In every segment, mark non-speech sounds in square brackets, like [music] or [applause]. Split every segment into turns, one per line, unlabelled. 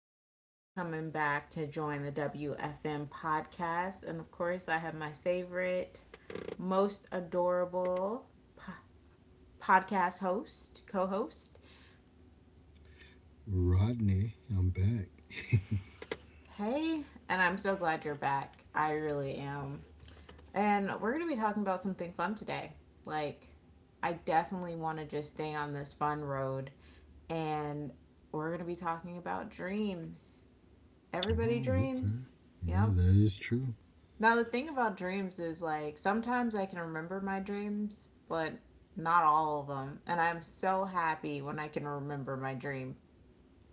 so much for coming back to join the WFM podcast. And of course, I have my favorite, most adorable po- podcast host, co host.
Rodney, I'm back.
Hey, and I'm so glad you're back. I really am. And we're going to be talking about something fun today. Like, I definitely want to just stay on this fun road. And we're going to be talking about dreams. Everybody
Oh, okay.
dreams.
Yeah,
Yep.
that is true.
Now, the thing about dreams is, like, sometimes I can remember my dreams, but not all of them. And I'm so happy when I can remember my dream.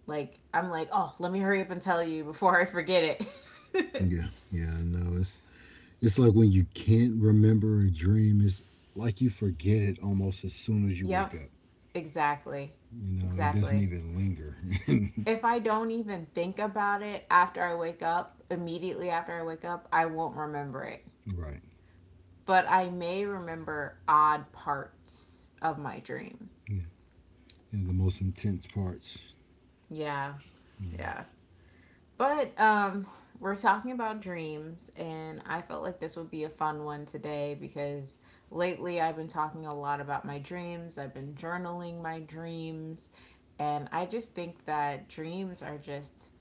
Like, I'm like, oh, let me hurry up and tell you before I forget it.
Yeah, yeah, I know. It's like when you can't remember a dream, it's like you forget it almost as soon as
[laughs]
you wake
Yep,
up.
exactly.
You know, it doesn't
Exactly.
even linger. [laughs]
If I don't even think about it after I wake up, immediately after I wake up, I won't remember it.
Right.
But I may remember odd parts of my dream.
Yeah. Yeah, the most intense parts.
Yeah.
Yeah.
Yeah. But we're talking about dreams, and I felt like this would be a fun one today because lately I've been talking a lot about my dreams. I've been journaling my dreams, and I just think that dreams are just,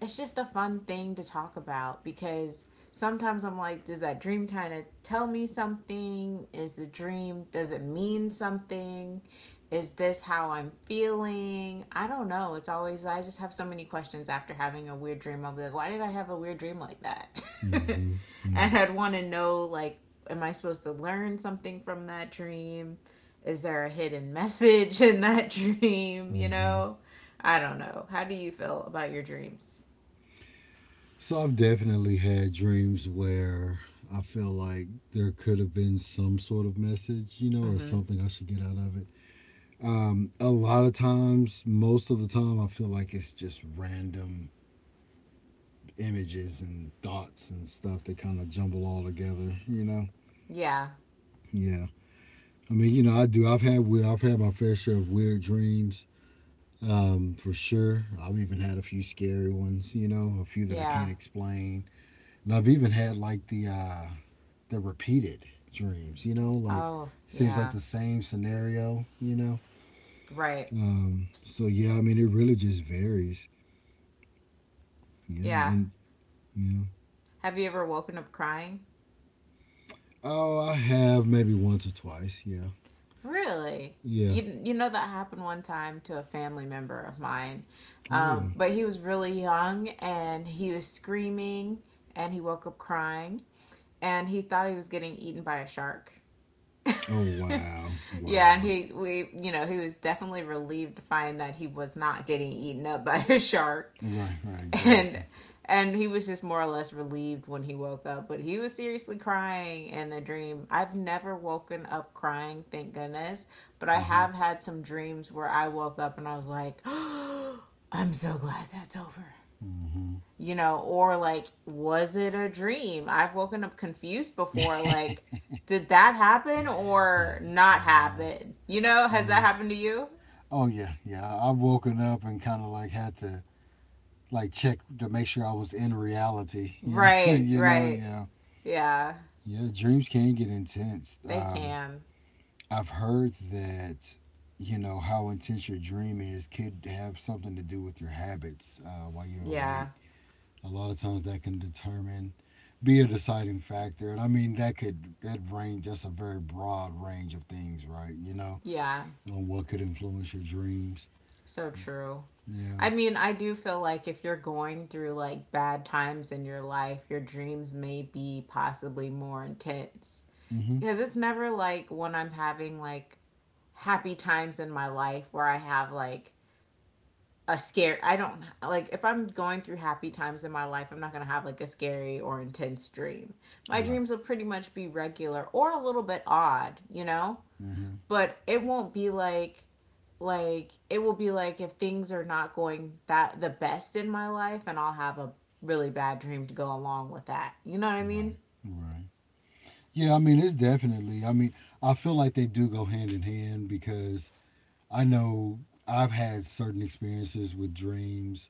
it's just a fun thing to talk about because sometimes I'm like, does that dream kind of tell me something? Is the dream, does it mean something? Is this how I'm feeling? I don't know. It's always, I just have so many questions after having a weird dream. I'll be like, why did I have a weird dream like that?
Mm-hmm.
[laughs] And
Yeah.
I'd want to know, like, am I supposed to learn something from that dream? Is there a hidden [laughs] message in that dream? You
Mm-hmm.
know? I don't know. How do you feel about your dreams?
So I've definitely had dreams where I feel like there could have been some sort of message, you know, or
Hmm.
something I should get out of it. A lot of times, most of the time, I feel like it's just random images and thoughts and stuff that kind of jumble all together. You know,
Yeah.
yeah. I mean, I do. I've had weird. I've had my fair share of weird dreams, for sure. I've even had a few scary ones. You know, a few that I
Yeah.
can't explain, and I've even had like the repeated dreams. You know, like
Oh,
seems like
yeah.
the same scenario. You know,
Right.
so yeah. I mean, it really just varies. Yeah,
Yeah.
and Yeah.
Have you ever woken up crying?
Oh, I have maybe once or twice. Yeah.
Really?
Yeah.
You know that happened one time to a family member of mine.
Really.
But he was really young and he was screaming and he woke up crying and he thought he was getting eaten by a shark.
Oh wow.
Yeah, and
Wow.
he we you know, he was definitely relieved to find that he was not getting eaten up by [laughs] a shark.
Right. Right.
and
Exactly.
and he was just more or less relieved when he woke up, but he was seriously crying in the dream. I've never woken up crying, thank goodness. But I
Mhm.
have had some dreams where I woke up and I was like, [gasps] oh, I'm so glad that's over,
Mhm.
or like, was it a dream? I've woken up confused before,
[laughs]
like, did that happen or not
And,
happen? Has that
yeah.
happened to you?
Oh yeah. Yeah. I've woken up and kind of like had to like check to make sure I was in reality. [laughs] You know.
Right,
you know.
right.
Yeah.
Yeah,
Yeah. Dreams can get intense.
they can.
I've heard that. You know how intense your dream is could have something to do with your habits while you're
Yeah.
awake. A lot of times that can determine be a deciding factor. And I mean, that's a very broad range of things, right? You know,
Yeah,
on what could influence your dreams.
so true.
Yeah.
I mean, I do feel like if you're going through like bad times in your life, your dreams may be possibly more intense.
Mm-hmm.
Because it's never like when I'm having like happy times in my life where I have like a scare. I don't Like, if I'm going through happy times in my life, I'm not going to have like a scary or intense dream. My
Right.
dreams will pretty much be regular or a little bit odd, you know?
Mm-hmm.
But it won't be like it will be like if things are not going that the best in my life and I'll have a really bad dream to go along with that. You know what I
Right.
mean?
Right. Yeah. I mean, it's definitely. I mean, I feel like they do go hand in hand, because I know I've had certain experiences with dreams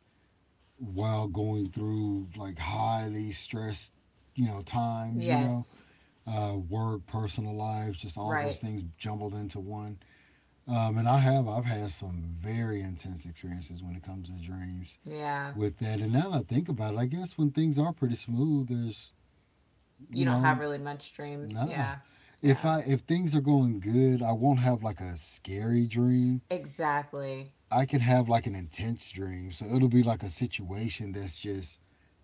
while going through like highly stressed, times. you know
Yes.
uh, work, personal lives, just all those
Right.
things jumbled into one. And I've had some very intense experiences when it comes to dreams
Yeah.
with that. And now that I think about it, I guess when things are pretty smooth, there's,
You
you
don't have
know,
really much dreams.
nah.
Yeah.
If
Yeah.
I if things are going good, I won't have like a scary dream.
Exactly.
I can have like an intense dream, so it'll be like a situation that's just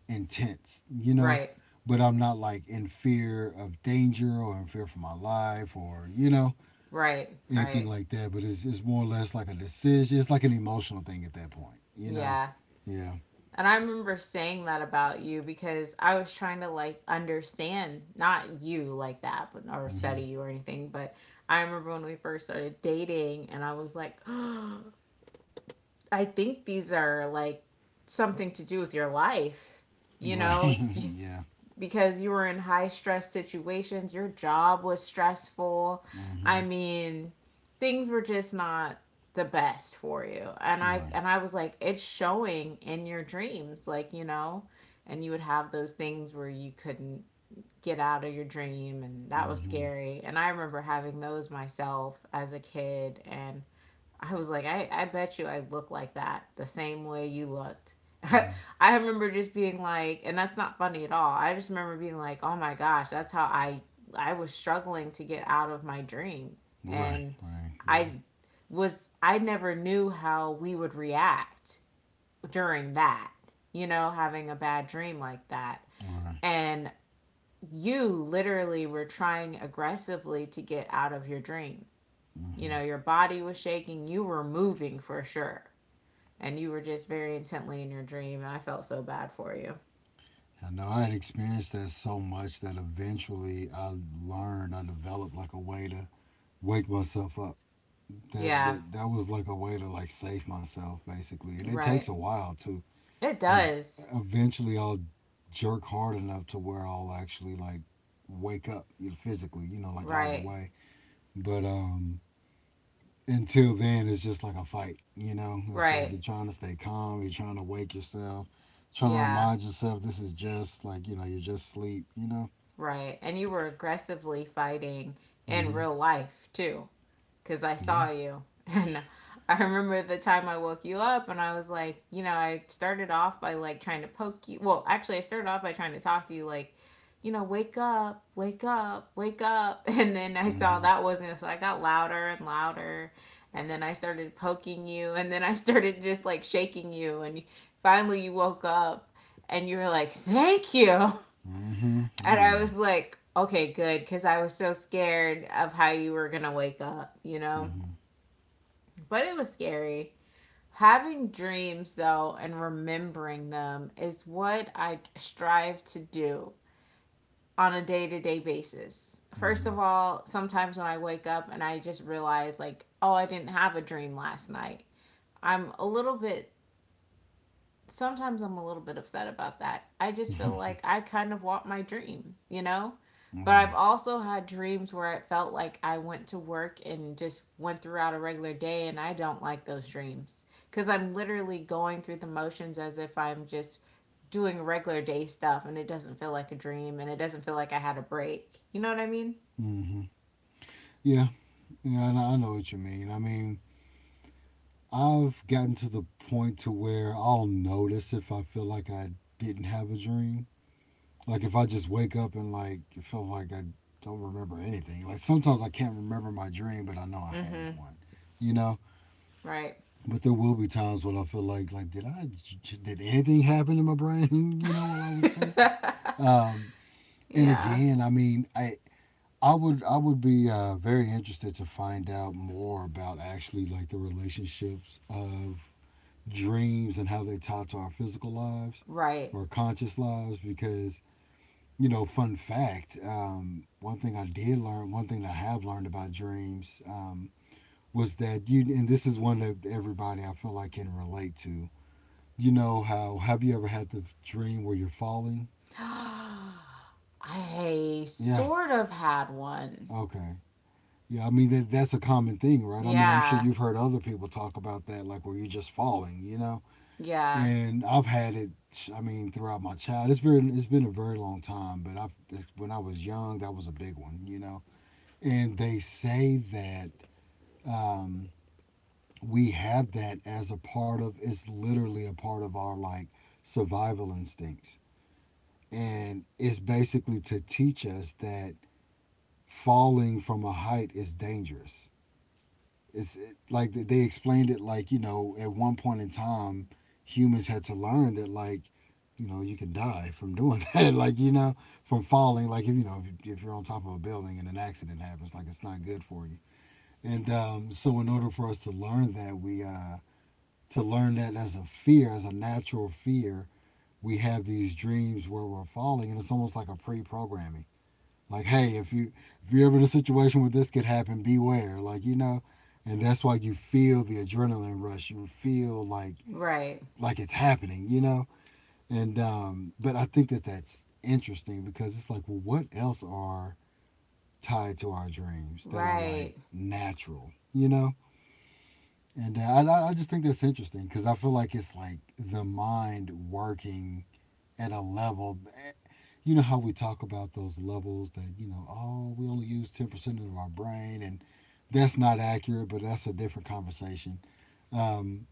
intense, you know.
Right.
But I'm not like in fear of danger or in fear for my life or, you know,
Right.
anything
Right.
like that, but it's more or less like a decision. It's like an emotional thing at that point, you know?
Yeah.
Yeah.
And I remember saying that about you because I was trying to, like, understand, not you like that, but or study
Hmm.
you or anything, but I remember when we first started dating and I was like, [gasps] I think these are like something to do with your life, you know,
Right. [laughs] Yeah.
because you were in high stress situations, your job was stressful. I
Hmm.
mean, things were just not the best for you. And I
Right.
and I was like, it's showing in your dreams, like, you know, and you would have those things where you couldn't get out of your dream, and that was
Hmm.
scary. And I remember having those myself as a kid and I was like, I bet you I look like that the same way you looked. [laughs]
Mm.
I remember just being like, and that's not funny at all. I just remember being like, oh my gosh, that's how I was struggling to get out of my dream.
Right.
And
Right. Yeah.
I was, I never knew how we would react during that, you know, having a bad dream like that.
Right.
And you literally were trying aggressively to get out of your dream. You know,
Hmm.
your body was shaking, you were moving for sure, and you were just very intently in your dream, and I felt so bad for you.
I know I had experienced that so much that eventually I developed like a way to wake myself up. That,
Yeah,
that that was like a way to like save myself basically, and it takes
right.
a while too.
It does.
Eventually, I'll jerk hard enough to where I'll actually like wake up physically, you know, like all the
Right,
way. But until then, it's just like a fight, you know. It's like you're
right.
trying to stay calm, you're trying to wake yourself, trying to
Yeah,
remind yourself this is just like, you're just sleep.
right. And you were aggressively fighting in
Mm-hmm.
real life too, because I
Yeah.
saw you. [laughs] And I remember the time I woke you up and I was like, you know, I started off by, like, trying to poke you. Well, actually, I started off by trying to talk to you, like, you know, wake up, wake up, wake up. [laughs] And then I saw
Mm-hmm.
that wasn't, so I got louder and louder. And then I started poking you. And then I [laughs] started just like shaking you. And finally, you woke up and you were like, thank you. [laughs]
Mm-hmm. Oh
And I
yeah.
was like, okay, good. Cause I was so scared of how you were going to wake up, you know?
Mm-hmm.
But it was scary. Having dreams, though, and remembering them is what I strive to do on a day to day basis. First
Mm-hmm.
of all, sometimes when I wake up and I just realize, like, oh, I didn't have a dream last night, I'm a little bit, sometimes I'm a little bit upset about that. I just feel like I kind of walked my dream, you know?
[laughs]
But I've
Right.
also had dreams where it felt like I went to work and just went throughout a regular day, and I don't like those dreams because I'm literally going through the motions as if I'm just doing regular day stuff and it doesn't feel like a dream and it doesn't feel like I had a break. You know what I mean?
Mm-hmm. Yeah. Yeah. I know what you mean. I mean, I've gotten to the point to where I'll notice if I feel like I didn't have a dream. Like if I just wake up and like feel like I don't remember anything. Like sometimes I can't remember my dream, but I know I had one. You know,
Right.
but there will be times when I feel like, did anything happen in my brain? [laughs] You know, while I was asleep. Um, and
Yeah.
again, I mean, I would be very interested to find out more about actually like the relationships of dreams and how they tie to our physical lives
Right.
or conscious lives because, fun fact. One thing I did learn one thing I have learned about dreams, was that you, and this is one that everybody, I feel like, can relate to. How have you ever had the dream where you're falling?
[gasps] I
Yeah.
sort of had one.
Okay. Yeah. I mean that's a common thing, right? I mean, I'm sure
Yeah.
you've heard other people talk about that, like where you're just falling.
Yeah.
And I've had it. I mean, throughout my child, it's been a very long time. But I, when I was young, that was a big one, you know. And they say that um, we have that as a part of. It's literally a part of our like survival instincts, and it's basically to teach us that falling from a height is dangerous. It's like they explained it, like, at one point in time humans had to learn that, like, you can die from doing that. [laughs] Like, from falling. Like, if, you're on top of a building and an accident happens, like, it's not good for you. And so in order for us to learn that, as a fear, as a natural fear, we have these dreams where we're falling, and it's almost like a pre-programming. Like, hey, if you're ever in a situation where this could happen, beware. Like, and that's why you feel the adrenaline rush. You feel like
Right.
like it's happening. And but I think that that's interesting because it's like, well, what else are tied to our dreams that are like
Right.
natural, you know? And I just think that's interesting because I feel like it's like the mind working at a level. You know how we talk about those levels that, oh, we only use 10% of our brain, and that's not accurate, but that's a different conversation. Um,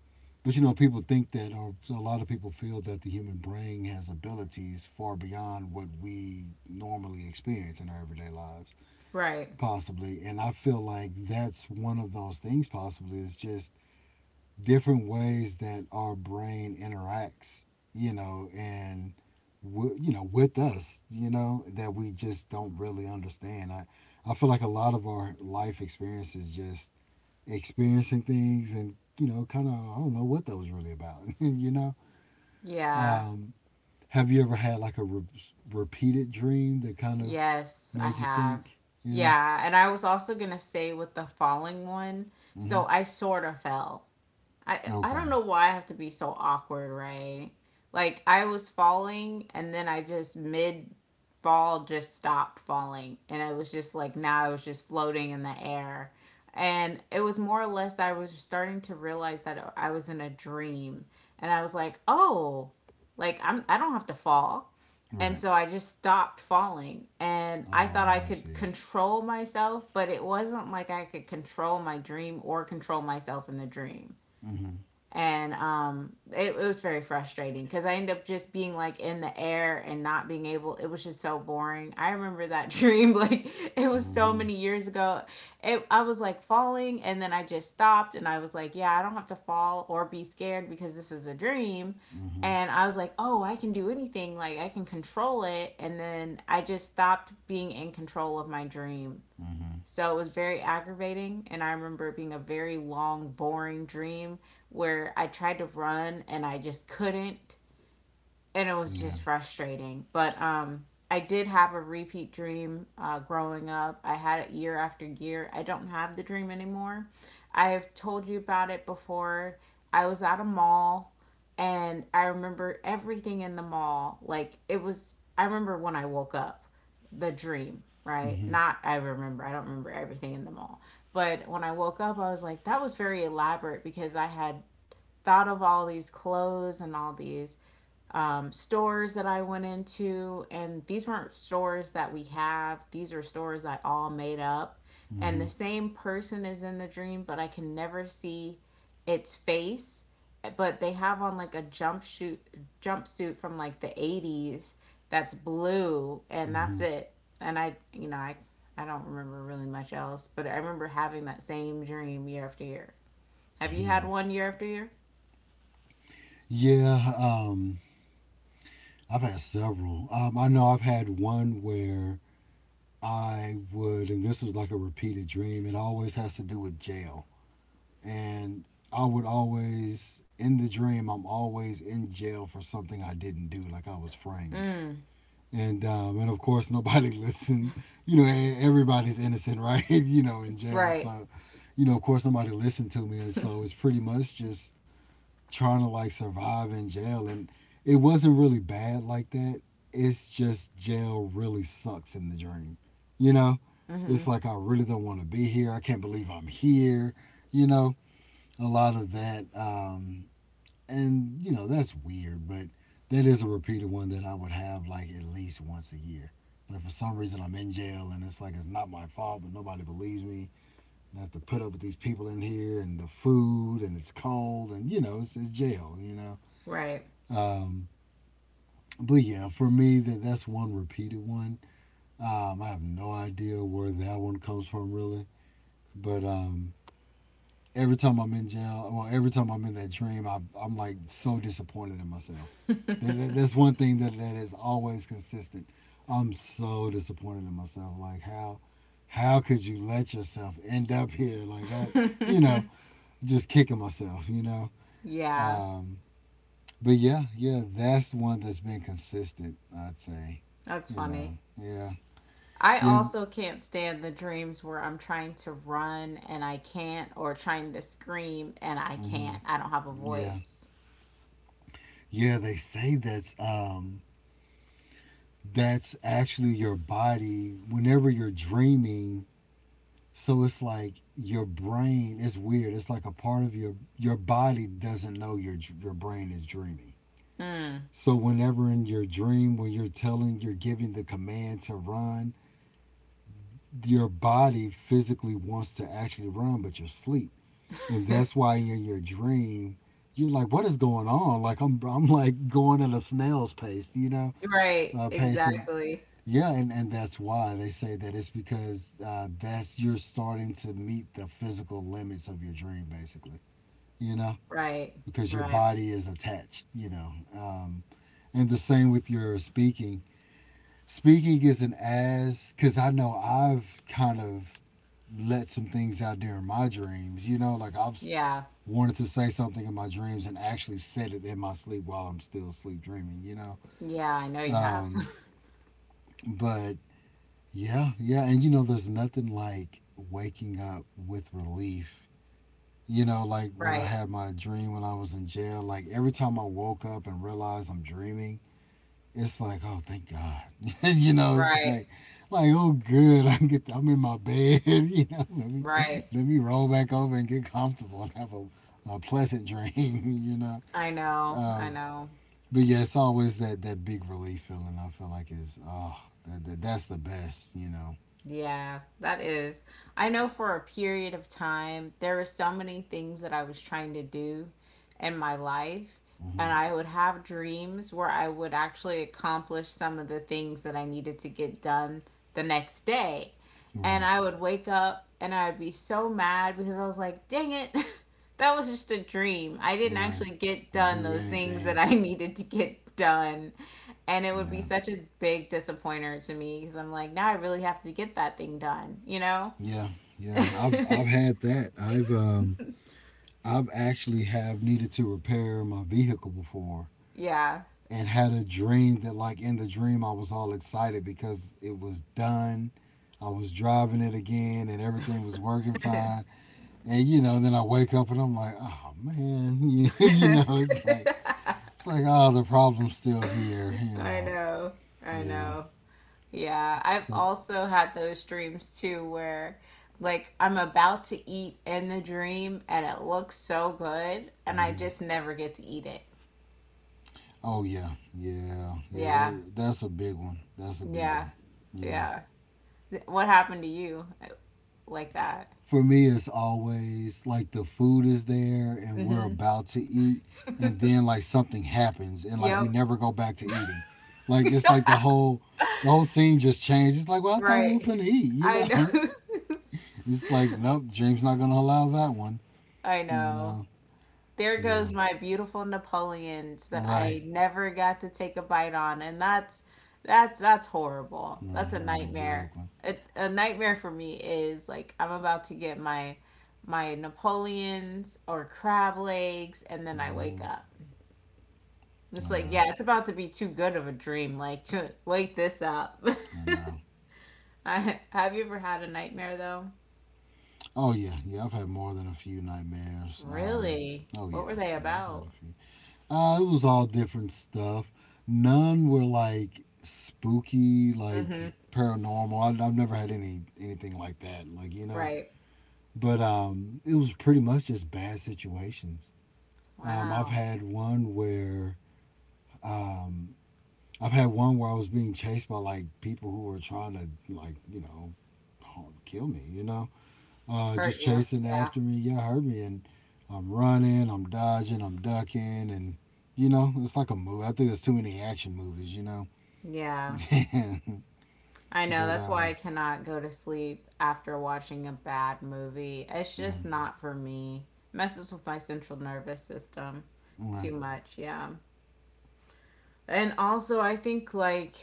but, people think that, or a lot of people feel that the human brain has abilities far beyond what we normally experience in our everyday lives,
Right.
possibly. And I feel like that's one of those things, possibly, is just different ways that our brain interacts, and with us, that we just don't really understand. I feel like a lot of our life experiences just experiencing things, and kind of, I don't know what that was really about. [laughs]
Yeah.
Um, have you ever had like a repeated dream that kind of
Yes, I
made you
have.
think? Yeah.
Yeah, and I was also gonna say with the falling one. So
Hmm.
I sort of fell. I don't know
Okay.
why I have to be so awkward, right? Like, I was falling and then I just mid fall just stopped falling and I was just like, now I was just floating in the air. And it was more or less I was starting to realize that I was in a dream and I was like, "Oh, like, I'm, I don't have to fall." And
Right.
so I just stopped falling and I thought
Oh,
I
I
could
see.
control myself, but it wasn't like I could control my dream or control myself in the dream.
Mm-hmm.
And it was very frustrating because I ended up just being like in the air and not being able. It was just so boring. I remember that [laughs] dream, like, it was so
Mm-hmm.
many years ago. I was like falling and then I just stopped and I was like, yeah, I don't have to fall or be scared because this is a dream.
Mm-hmm.
And I was like, oh, I can do anything, like, I can control it. And then I just stopped being in control of my dream,
Mm-hmm.
so it was very aggravating. And I remember it being a very long, boring dream where I tried to run and I just couldn't, and it was just
Yeah.
frustrating. But I did have a repeat dream growing up. I had it year after year. I don't have the dream anymore. I have told you about it before. I was at a mall and I remember everything in the mall. Like, it was, I remember when I woke up, the dream, right?
Hmm.
Not, I remember, I don't remember everything in the mall. But when I woke up, I was like, that was very elaborate because I had thought of all these clothes and all these stores that I went into, and these weren't stores that we have. These are stores I all made up, and
Hmm.
the same person is in the dream, but I can never see its face. But they have on, like, a jumpsuit from like the '80s that's blue, and that's
Hmm.
it. And I, you know, I don't remember really much else, but I remember having that same dream year after year. Have you had
Yeah.
one year after year?
Yeah. I've had several. I know I've had one where I would, and this was like a repeated dream. It always has to do with jail, and I would always in the dream. I'm always in jail for something I didn't do, like I was framed.
Mm,
And of course nobody [laughs] listened. You know, everybody's innocent, right? [laughs] In jail,
right.
so, of course somebody listened to me, and so it's pretty much just trying to like survive in jail. And it wasn't really bad like that. It's just jail really sucks in the dream you know
Mm-hmm.
it's like I really don't want to be here, I can't believe I'm here you know a lot of that. And that's weird, but that is a repeated one that I would have like at least once a year. Like for some reason, I'm in jail and it's like it's not my fault, but nobody believes me. And I have to put up with these people in here, and the food, and it's cold, and, it's jail you know
Right.
um, but yeah, for me, that's one repeated one. I have no idea where that one comes from, really. But every time I'm in jail, well, every time I'm in that dream, I'm like so disappointed in myself. That's one thing that is always consistent. I'm so disappointed in myself. Like how could you let yourself end up here? Like you know, just kicking myself.
Yeah,
Um, But yeah, yeah, that's one that's been consistent. I'd say,
that's funny.
yeah.
I
Yeah.
also can't stand the dreams where I'm trying to run and I can't, or trying to scream and I
Hmm.
can't. I don't have a
Yeah.
voice.
Yeah. They say that's actually your body whenever you're dreaming. So it's like your brain. It's weird. It's like a part of your body doesn't know your brain is dreaming.
Mm.
So whenever in your dream, when you're giving the command to run, your body physically wants to actually run, but you're asleep. And that's why in your dream you're like, what is going on? Like I'm like going at a snail's pace, you know,
Right,
and
exactly.
yeah, and that's why they say that it's because that's you're starting to meet the physical limits of your dream, basically, you know,
Right,
because your
right.
body is attached, you know, and the same with your speaking. Speaking isn't as because I know I've kind of let some things out during my dreams, you know, like I've
Yeah,
wanted to say something in my dreams and actually said it in my sleep while I'm still sleep dreaming, you know?
yeah, I know you have. [laughs]
Um, but yeah, yeah. And you know, there's nothing like waking up with relief. You know, like when I
Right,
had my dream when I was in jail, like every time I woke up and realized I'm dreaming, it's like, oh, thank God. [laughs] You know, it's
right,
like, oh, good. [laughs] I get. I'm in my bed. [laughs] You know, let me
right.
let me roll back over and get comfortable and have a pleasant dream. [laughs] You know,
I know,
uh,
I know.
but yeah, it's always that big relief feeling. I feel like is oh, that's the best, you know.
Yeah, that is. I know for a period of time, there were so many things that I was trying to do in my life.
Hmm.
And I would have dreams where I would actually accomplish some of the things that I needed to get done the next day. And
Right,
I would wake up and I would be so mad because I was like, dang it, [laughs] that was just a dream. I didn't
right.
actually get done
Do
those things that
anything.
I [laughs] needed to get done, and it would be
Yeah,
such a big disappointer to me because I'm like, now I really have to get that thing done, you know?
yeah, yeah. I've had that. I've actually have needed to repair my vehicle before
Yeah.
and had a dream that like in the dream I was all excited because it was done. I was driving it again and everything was working fine. And you know, then I wake up and I'm like, oh man, [laughs] you know,
[laughs]
it's like, oh, the problem's still here, you
I
know.
know. I
Yeah.
know. Yeah. I've
It's like,
also had those dreams too where like I'm about to eat in the dream and it looks so good and I
hmm
just never get to eat it.
oh, yeah, yeah, yeah.
Yeah.
That's a big one. That's a big
Yeah.
one. Yeah.
Yeah. What happened to you like that?
For me, it's always like the food is there and we're
Hmm.
about to eat, and then
[laughs]
like something happens and like we
Yep.
never go back to eating. Like, it's like the whole. The whole scene just changed. It's like, well, I thought we were
Right.
finna eat, you
I know.
know.
[laughs]
[laughs] It's like, nope, James not gonna allow that one,
I
you
know.
know.
There
Yeah,
goes my beautiful Napoleons that
right,
I never got to take a bite on, and that's that's horrible.
right,
That's a
right,
nightmare.
exactly.
A nightmare for me is like I'm about to get my Napoleons or crab legs, and then I
Hmm.
wake up.
I
It's like,
know.
yeah, it's about to be too good of a dream. Like, [laughs] wake this up.
I know.
[laughs] I, have you ever had a nightmare though?
Oh yeah, yeah. I've had more than a few nightmares.
Really?
Oh
What were
yeah,
they
yeah. I've had
about?
a few. It was all different stuff. None were like spooky, like paranormal. I've never had anything like that. Like you know.
Right.
But it was pretty much just bad situations. Um, I've
Wow.
had one where um, I've had one where I was being chased by like people who were trying to like you know kill me. You know, just
Hurt you.
chasing
Yeah.
after me. Y'all heard me, and I'm running, I'm dodging, I'm ducking, and you know, it's like a movie. I think there's too many action movies, you know.
Yeah. I
[laughs]
know.
But
That's why I cannot go to sleep after watching a bad movie. It's
yeah,
just not for me. Messes with my central nervous system
right,
too much. Yeah. And also, I think like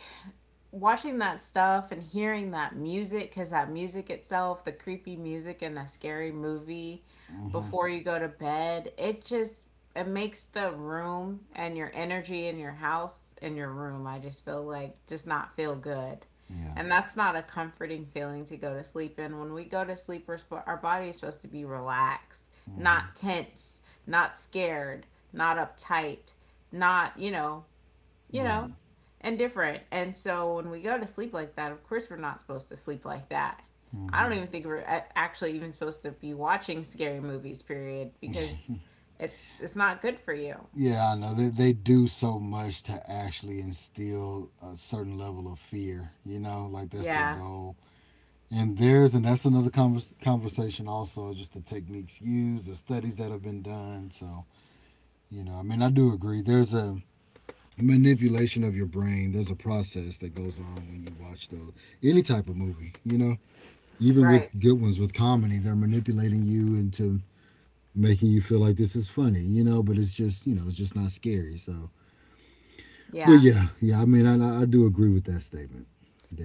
watching that stuff and hearing that music, because that music itself, the creepy music in a scary movie
mm-hmm,
before you go to bed, it makes the room and your energy in your house and your room, I just feel like just not feel good.
yeah,
And that's not a comforting feeling to go to sleep in. When we go to sleep, our body is supposed to be relaxed,
mm-hmm,
not tense, not scared, not uptight, not, you
right,
know, and different. And so when we go to sleep like that, of course, we're not supposed to sleep like that. I don't
mm-hmm.
even think actually even supposed to be watching scary movies, period, because it's not good for you.
Yeah, I know they do so much to actually instill a certain level of fear. You know, like that's their
Yeah.
goal. And that's another conversation also, just the techniques used, the studies that have been done. So you know, I mean, I do agree. There's a manipulation of your brain. There's a process that goes on when you watch those any type of movie. You know, even
Right.
with good ones with comedy, they're manipulating you into making you feel like this is funny. You know, but it's just not scary. So, but
Yeah.
yeah, yeah. I mean, I do agree with that statement.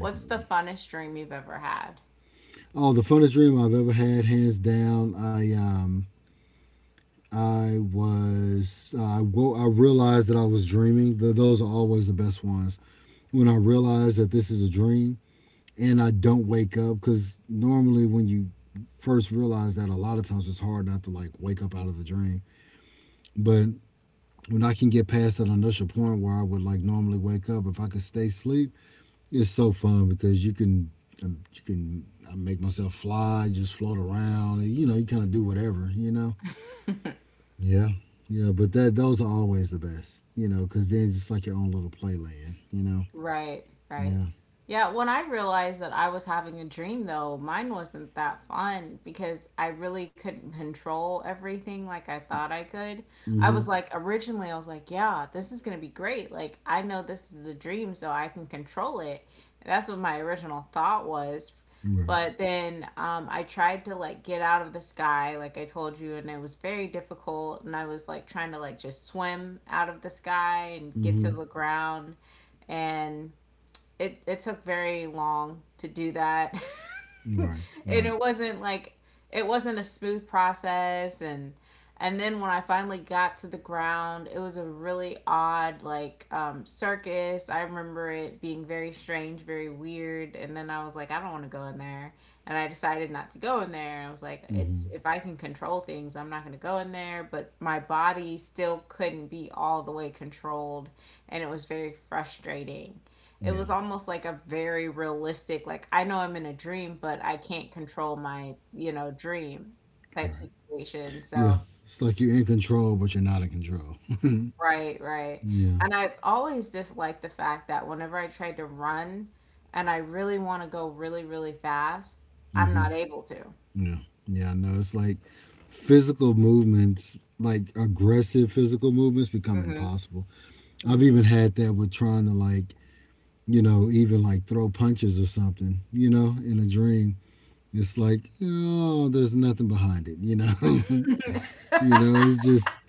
What's the funnest dream you've ever had?
Oh, the funnest dream I've ever had, hands down. I realized that I was dreaming. Those are always the best ones when I realize that this is a dream and I don't wake up because normally when you first realize that a lot of times it's hard not to like wake up out of the dream. But when I can get past that initial point where I would like normally wake up, if I could stay asleep, it's so fun because you can I make myself fly, just float around, and, you know, you kind of do whatever, you know. Yeah, yeah, but that those are always the best, you know, because then it's like your own little playland, you know.
Right, right.
Yeah.
Yeah, when I realized that I was having a dream, though, mine wasn't that fun because I really couldn't control everything like I thought I could. I
Mm-hmm.
was like, originally, I was like, yeah, this is going to be great. Like, I know this is a dream, so I can control it. That's what my original thought was.
Right.
But then I tried to like get out of the sky, like I told you, and it was very difficult. And I was like trying to like just swim out of the sky and get to
Mm-hmm.
the ground, and it took very long to do that.
Right,
[laughs] and
right.
it wasn't like it wasn't a smooth process, and then when I finally got to the ground, it was a really odd, like, circus. I remember it being very strange, very weird, and then I was like, I don't want to go in there. And I decided not to go in there. And I was like, it's,
Hmm.
if I can control things, I'm not going to go in there. But my body still couldn't be all the way controlled, and it was very frustrating. It
Yeah,
was almost like a very realistic, like, I know I'm in a dream, but I can't control my, you know, dream
right.
type situation,
Yeah,
so
it's like you're in control, but you're not in control.
right, right.
Yeah,
And I always disliked the fact that whenever I tried to run and I really want to go really, really fast, I'm
hmm
not able to.
yeah, yeah. I know. It's like physical movements, like aggressive physical movements, become
Hmm.
impossible. I've
Hmm.
even had that with trying to like, you know, even like throw punches or something, you know, in a dream. It's like, oh, there's nothing behind it, you know. [laughs] You know, it's just,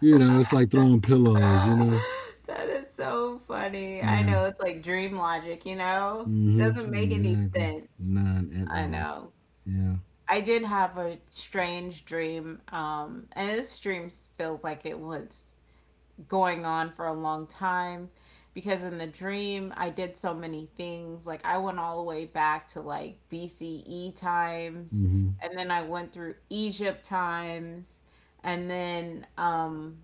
you know, it's like throwing pillows, you know.
[laughs] That is so funny. I
Yeah.
know, it's like dream logic, you know,
Mm-hmm.
doesn't make any
Exactly.
sense.
None at
I
all.
know.
Yeah.
I did have a strange dream, and this dream feels like it was going on for a long time because in the dream I did so many things. Like I went all the way back to like BCE times,
Mm-hmm.
and then I went through Egypt times, and then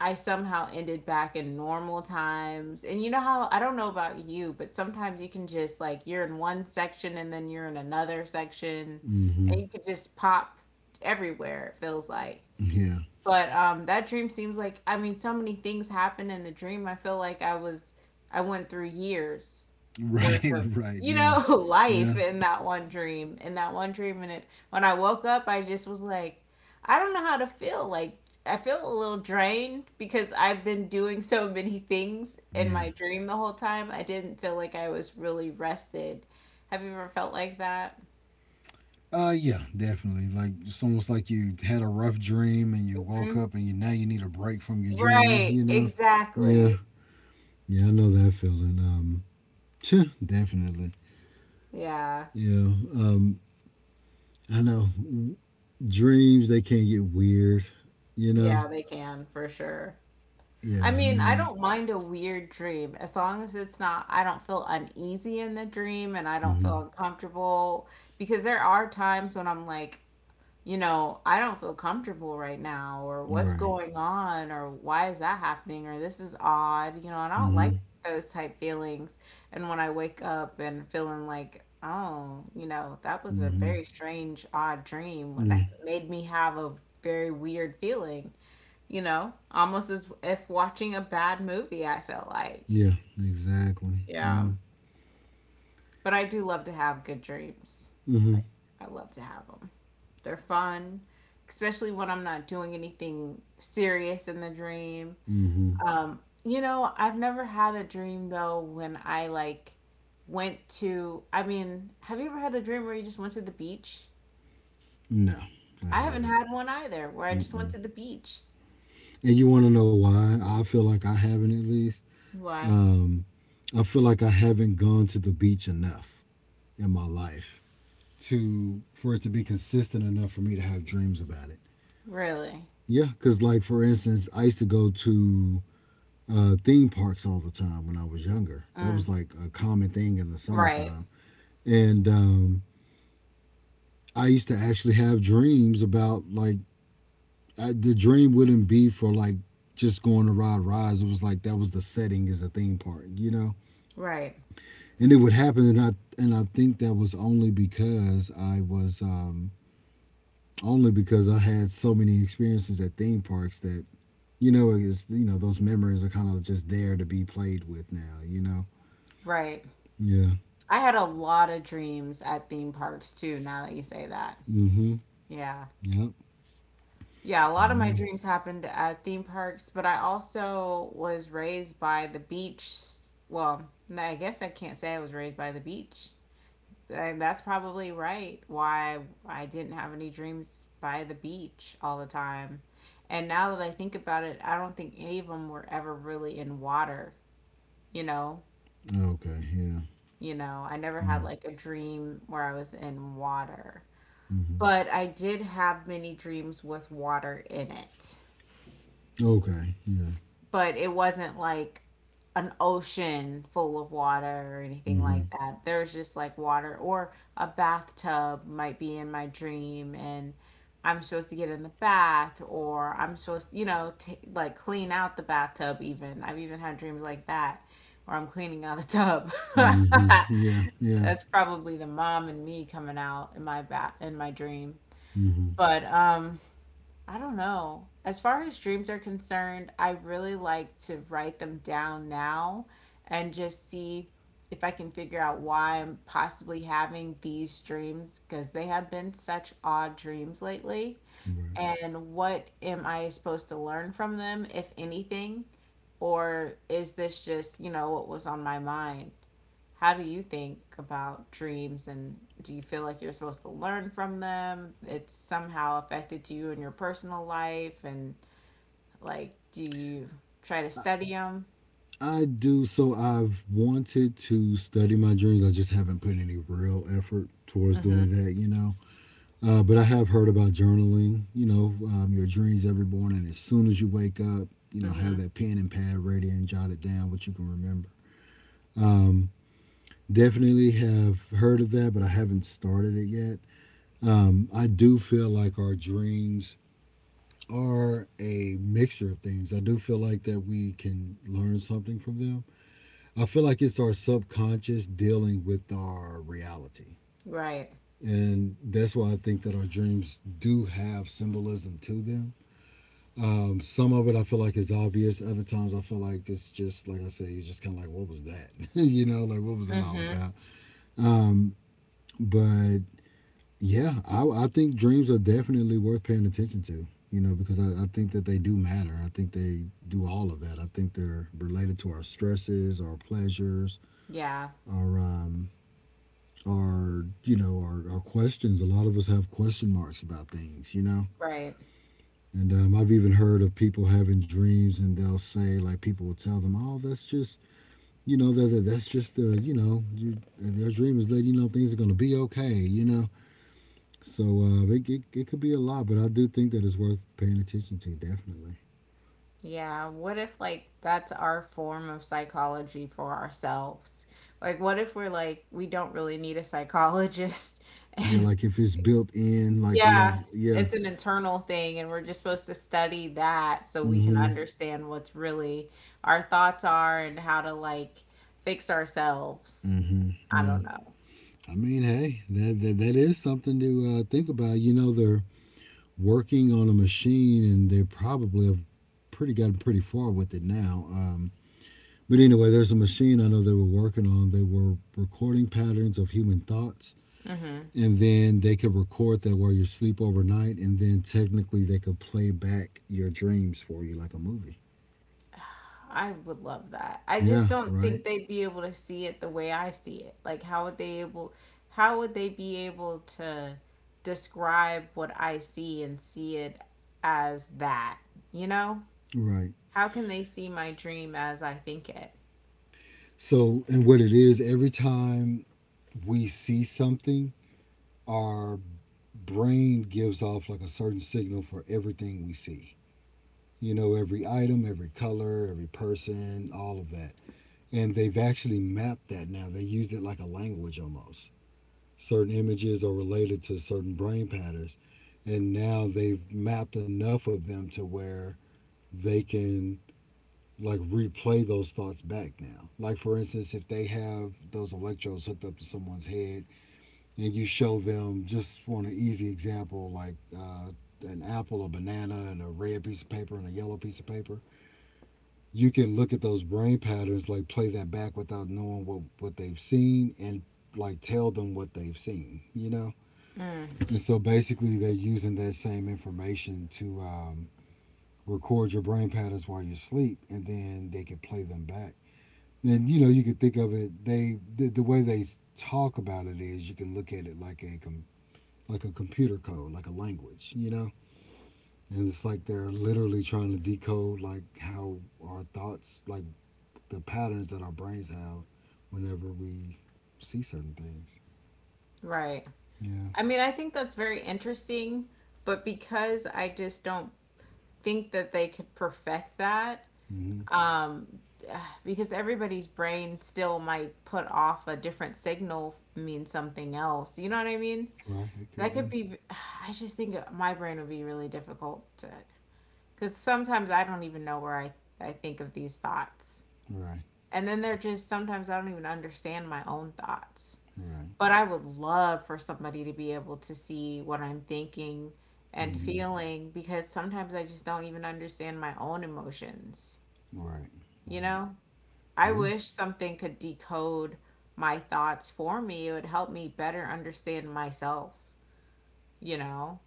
I somehow ended back in normal times. And you know how, I don't know about you, but sometimes you can just like, you're in one section and then you're in another section
Mm-hmm.
and you can just pop everywhere, it feels like.
Yeah. [laughs]
But um, that dream seems like, I mean, so many things happened in the dream. I feel like I went through years worth
Right.
of,
Right.
you
Yeah.
know, [laughs]
Yeah.
life in that one dream. And it, when I woke up, I just was like, I don't know how to feel. Like, I feel a little drained because I've been doing so many things in
Yeah.
my dream the whole time. I didn't feel like I was really rested. Have you ever felt like that?
Yeah, definitely. Like it's almost like you had a rough dream and you woke
Mhm.
up and you now you need a break from your dream,
Right,
you know? Yeah.
exactly.
Yeah, I know that feeling. [laughs] Definitely.
Yeah.
Yeah. Um I know dreams they can get weird, you know?
Yeah, they can for sure.
Yeah,
I
I
mean, I
mean,
don't mind a weird dream as long as it's not, I don't feel uneasy in the dream and I don't feel
mhm.
uncomfortable, because there are times when I'm like, you know, I don't feel comfortable right now, or what's
Right.
going on, or why is that happening, or this is odd, you know, and I don't like
Mhm.
those type feelings. And when I wake up and feeling like, oh, you know, that was a
Mhm.
very strange, odd dream that made me have a very weird feeling, you know, almost as if watching a bad movie, I feel like.
Yeah, exactly.
Yeah.
Yeah.
But I do love to have good dreams.
Mhm.
Like, I love to have them. They're fun, especially when I'm not doing anything serious in the dream.
Mhm.
Um, you know, I've never had a dream though when I like went to, I mean, have you ever had a dream where you just went to the beach?
No, I
I haven't
haven't.
had one either where I just went
Mm-mm.
to the beach.
And you want to know why? I feel like I haven't at least.
Why?
Um, I feel like I haven't gone to the beach enough in my life to for it to be consistent enough for me to have dreams about it.
Really?
Yeah, because like for instance, I used to go to theme parks all the time when I was younger. That was
Mm.
like a common thing in the
Right.
summertime, and I used to actually have dreams about. The dream wouldn't be for like just going to ride rides. It was like that was the setting as a theme park, you know.
Right.
And it would happen, and I think that was, only because I had so many experiences at theme parks that you know, it's you know those memories are kind of just there to be played with now, you know.
Right.
Yeah.
I had a lot of dreams at theme parks too, now that you say that.
Mm-hmm.
Yeah.
Yep.
Yeah, a
I
lot of my
know.
dreams happened at theme parks, but I also was raised by the beach. Well, no, I guess I can't say I was raised by the beach. And that's probably right why I didn't have any dreams by the beach all the time. And now that I think about it, I don't think any of them were ever really in water, you know?
Okay. Yeah.
You know, I never had
Mm,
like a dream where I was in water.
mm-hmm.
But I did have many dreams with water in it.
Okay. Yeah.
But it wasn't like an ocean full of water or anything
Mm-hmm.
like that. There was just like water or a bathtub might be in my dream, and I'm supposed to get in the bath or I'm supposed to, you know, like clean out the bathtub even. I've even had dreams like that where I'm cleaning out a tub. [laughs]
Mm-hmm. Yeah. Yeah.
That's probably the mom and me coming out in my dream.
Mm-hmm.
But um, I don't know. As far as dreams are concerned, I really like to write them down now and just see if I can figure out why I'm possibly having these dreams, because they have been such odd dreams lately.
Right.
And what am I supposed to learn from them, if anything? Or is this just, you know, what was on my mind? How do you think about dreams, and do you feel like you're supposed to learn from them? It's somehow affected to you in your personal life, and like, do you try to study them?
I do. So I've wanted to study my dreams. I just haven't put any real effort towards
Mhm.
doing that, you know. But I have heard about journaling, you know, your dreams every morning. As soon as you wake up, you know, have
Mhm.
that pen and pad ready and jot it down what you can remember. Um, definitely have heard of that, but I haven't started it yet. I do feel like our dreams are a mixture of things. I do feel like that we can learn something from them. I feel like it's our subconscious dealing with our reality.
Right.
And that's why I think that our dreams do have symbolism to them. Some of it I feel like is obvious. Other times I feel like it's just, like I say, it's just kind of like, what was that? [laughs] You know, like, what was that all about? Um, but yeah, I think dreams are definitely worth paying attention to, you know, because I think that they do matter. I think they do all of that. I think they're related to our stresses, our pleasures,
Yeah.
our um, our you know our questions. A lot of us have question marks about things, you know,
Right.
and I've even heard of people having dreams and they'll say, like, people will tell them, oh, that's just, you know, that's just their dream is letting you know things are going to be okay, you know. So it could be a lot, but I do think that it's worth paying attention to, definitely.
Yeah. What if like that's our form of psychology for ourselves? Like, what if we're like we don't really need a psychologist? [laughs]
Yeah,
And
like if it's built in, like we have.
yeah,
Yeah.
it's an internal thing, and we're just supposed to study that so we can
Mm-hmm.
understand what's really our thoughts are and how to like fix ourselves.
Mm-hmm.
I
Yeah,
don't know.
I mean, hey, that is something to think about, you know. There working on a machine, and they probably have pretty gotten pretty far with it now. But anyway, there's a machine I know they were working on. They were recording patterns of human thoughts,
Hmm.
and then they could record that while you sleep overnight, and then technically they could play back your dreams for you like a movie.
I would love that. I just
Yeah,
don't
right,
think they'd be able to see it the way I see it. Like, how would they able, how would they be able to describe what I see and see it as that? You know?
right.
How can they see my dream as I think it?
So, and what it is, every time we see something, our brain gives off like a certain signal for everything we see. You know, every item, every color, every person, all of that. And they've actually mapped that now. They use it like a language almost. Certain images are related to certain brain patterns. And now they've mapped enough of them to where they can like replay those thoughts back now. Like for instance, if they have those electrodes hooked up to someone's head and you show them just for an easy example, an apple, a banana, and a red piece of paper and a yellow piece of paper. You can look at those brain patterns, like play that back without knowing what they've seen and like tell them what they've seen.
Mm,
And so basically, they're using that same information to record your brain patterns while you sleep, and then they can play them back. And you know, you can think of it. The way they talk about it is you can look at it like a computer code, like a language. And it's like they're literally trying to decode like how our thoughts, like the patterns that our brains have whenever we see certain things.
right.
Yeah.
I mean, I think that's very interesting, but because I just don't think that they could perfect that,
hmm
um, because everybody's brain still might put off a different signal mean something else. You know what I mean?
Right. It
That
could
could
be.
be. [sighs] I just think my brain would be really difficult to, because sometimes I don't even know where I think of these thoughts.
Right.
And then they're just sometimes I don't even understand my own thoughts.
Right.
But I would love for somebody to be able to see what I'm thinking and
hmm
feeling because sometimes I just don't even understand my own emotions.
Right.
You
Right.
know, I
Yeah.
wish something could decode my thoughts for me. It would help me better understand myself, you know?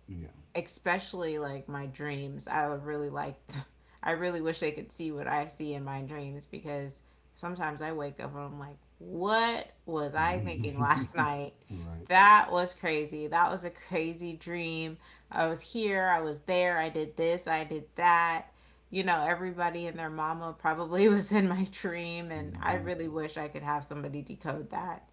Especially like my dreams. I would really like, [laughs] I really wish they could see what I see in my dreams because sometimes I wake up and I'm like, what was I thinking [laughs]
Yeah.
last night?
[laughs] Right.
That was crazy. That was a crazy dream. I was here, I was there, I did this, I did that. You know, everybody and their mama probably [laughs] was in my dream, and I
hmm
really wish I could have somebody decode that,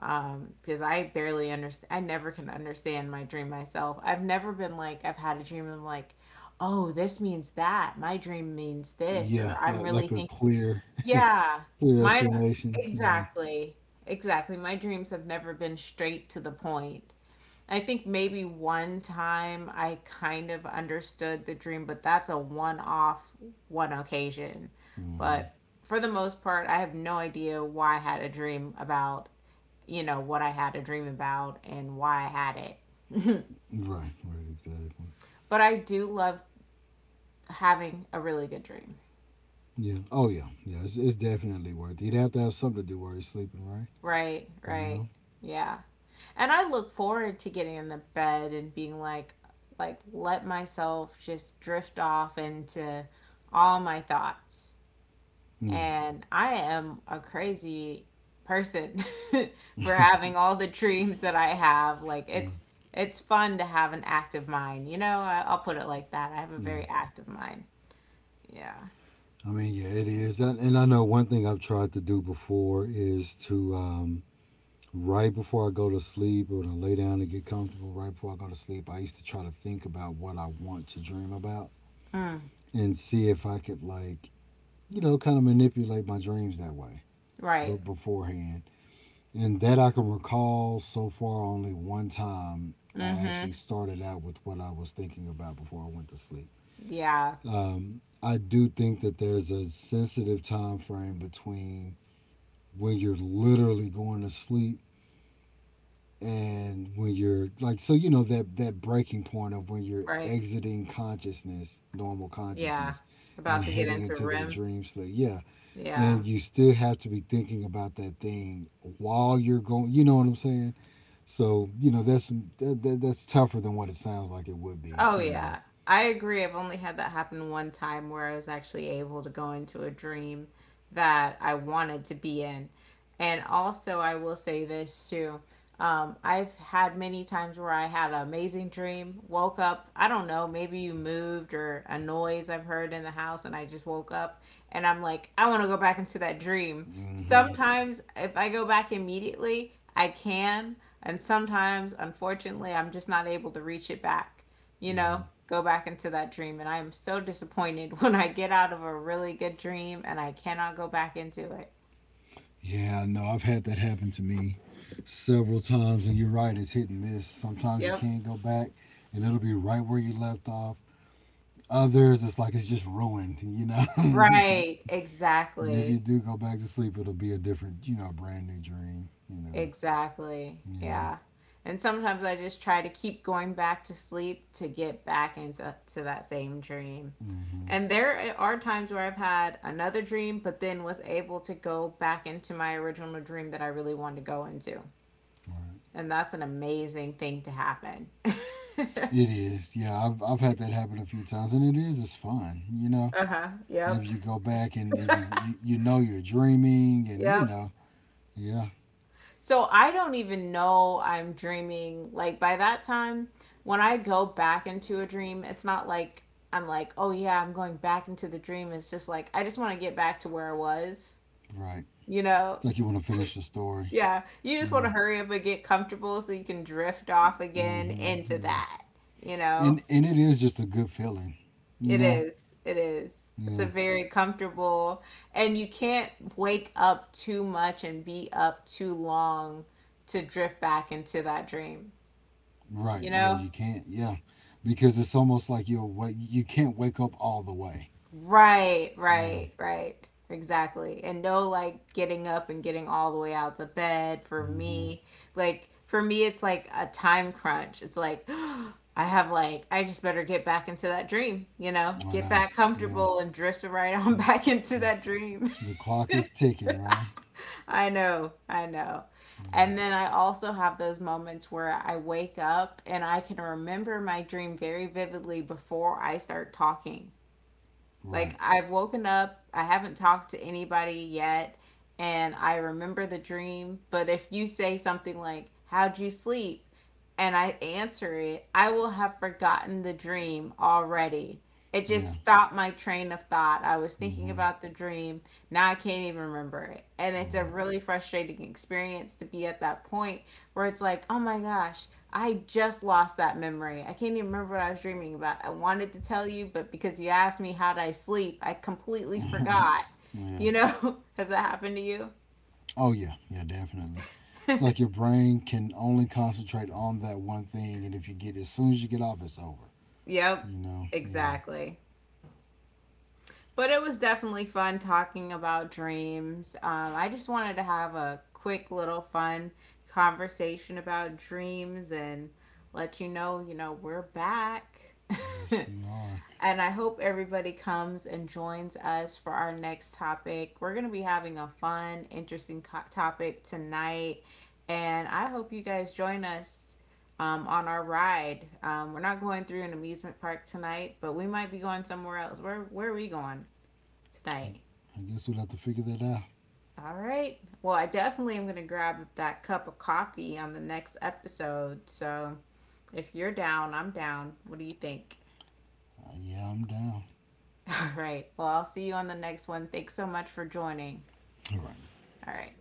because I barely understand. I never can understand my dream myself. I've never been like I've had a dream. And I'm like, oh, this means that. My dream means this,
Yeah.
or I'm
Like
really
like a
think.
clear
Yeah,
clear
mine
explanation. Yeah.
exactly, exactly. My dreams have never been straight to the point. I think maybe one time I kind of understood the dream, but that's a one-off, one occasion.
hmm
But for the most part, I have no idea why I had a dream about, you know, what I had a dream about and why I had it.
Right. Right. Exactly.
But I do love having a really good dream.
Yeah. Oh yeah. Yeah. It's definitely worth it. You'd have to have something to do while you're sleeping, right?
Right,
You
right.
know.
Yeah. And I look forward to getting in the bed and being like let myself just drift off into all my thoughts.
Yeah.
And I am a crazy person [laughs] for having all the dreams that I have. Like
Yeah.
it's fun to have an active mind. You know, I'll put it like that. I have a
Yeah.
very active mind. Yeah.
I mean, yeah, it is. And I know one thing I've tried to do before is to, right before I go to sleep, or to lay down and get comfortable, right before I go to sleep, I used to try to think about what I want to dream about,
Mm,
and see if I could, like, you know, kind of manipulate my dreams that way,
right.
but beforehand. And that I can recall, so far only one time I actually
Mm-hmm.
started out with what I was thinking about before I went to sleep.
Yeah.
I do think that there's a sensitive time frame between when you're literally going to sleep and when you're like, so you know, that that breaking point of when you're
Right.
exiting consciousness, normal
Yeah.
consciousness,
About
and
to get
heading
into
into that
REM.
dream sleep. Yeah.
Yeah.
And you still have to be thinking about that thing while you're going, you know what I'm saying? So you know, that's that's tougher than what it sounds like it would be,
Oh,
you know.
yeah. I agree. I've only had that happen one time where I was actually able to go into a dream that I wanted to be in. And also, I will say this too. I've had many times where I had an amazing dream, woke up. I don't know, maybe you moved or a noise I've heard in the house, and I just woke up and I'm like, I want to go back into that dream.
hmm
Sometimes, if I go back immediately, I can. And sometimes, unfortunately, I'm just not able to reach it back, you know,
right.
go back into that dream. And I am so disappointed [laughs] when I get out of a really good dream and I cannot go back into it.
Yeah, no, I've had that happen to me several times, and you're right, it's hit and miss. Sometimes you
Yep.
can't go back, and it'll be right where you left off. Others, it's like it's just ruined, you know. [laughs] And
Right,
if you
exactly.
do go back to sleep, it'll be a different, you know, brand new dream, you know.
Exactly.
Yeah.
Yeah. And sometimes I just try to keep going back to sleep to get back into to that same dream.
Mm-hmm.
And there are times where I've had another dream, but then was able to go back into my original dream that I really wanted to go into.
Right.
And that's an amazing thing to happen. [laughs]
It is. Yeah, I've had that happen a few times, and it is. It's fun, you know.
Uh-huh.
Whenever
Yep.
you go back and you know you're dreaming, and you
Yep.
know, yeah,
So I don't even know I'm dreaming. Like by that time, when I go back into a dream, it's not like I'm like, oh yeah, I'm going back into the dream. It's just like, I just want to get back to where I was,
right.
you know?
It's like you want to finish the story.
Yeah, you just want
Yeah.
to hurry up and get comfortable so you can drift off again into
Yeah.
that, you know?
And it is just a good feeling, you
It
know.
is. It is. It's a
Yeah.
very comfortable, and you can't wake up too much and be up too long to drift back into that dream.
Right.
You
Yeah.
know?
You can't. Yeah. Because it's almost like you're wake. You can't wake up all the way.
Right,
Yeah.
right, right. Exactly. And no like getting up and getting all the way out the bed for
hmm
me. Like for me it's like a time crunch. It's like [gasps] I have like I just better get back into that dream, you know?
I
Get
know.
back
Yeah.
comfortable and drift right on [laughs]
Mm.
back into
Yeah.
that dream.
The clock is ticking, right?
[laughs] I know. I know.
Yeah.
And then I also have those moments where I wake up and I can remember my dream very vividly before I start talking.
Right.
Like I've woken up, I haven't talked to anybody yet, and I remember the dream. But if you say something like, how'd you sleep? And I answer it, I will have forgotten the dream already. It
Yeah.
just stopped my train of thought. I was thinking
hmm
about the dream. Now I can't even remember it. And it's a
Right.
really frustrating experience to be at that point where it's like, oh my gosh, I just lost that memory. I can't even remember what I was dreaming about. I wanted to tell you, but because you asked me how did I sleep, I completely
[laughs]
forgot.
Yeah.
You know, [laughs] has that happened to you?
Oh yeah. Yeah. Definitely. It's like your brain can only concentrate on that one thing, and if you get, as soon as you get off, it's over.
Yep,
You know. Yeah.
exactly. But it was definitely fun talking about dreams. I just wanted to have a quick little fun conversation about dreams and let you know, we're back.
Yes,
[laughs]
we are.
And I hope everybody comes and joins us for our next topic. We're going to be having a fun, interesting topic tonight. And I hope you guys join us, on our ride. We're not going through an amusement park tonight, but we might be going somewhere else. Where are we going
I,
tonight?
I guess we'll have to figure that out.
All right. Well, I definitely am going to grab that cup of coffee on the next episode. So if you're down, I'm down. What do you think?
Yeah, I'm down.
All right. Well, I'll see you on the next one. Thanks so much for joining.
All right.
All right.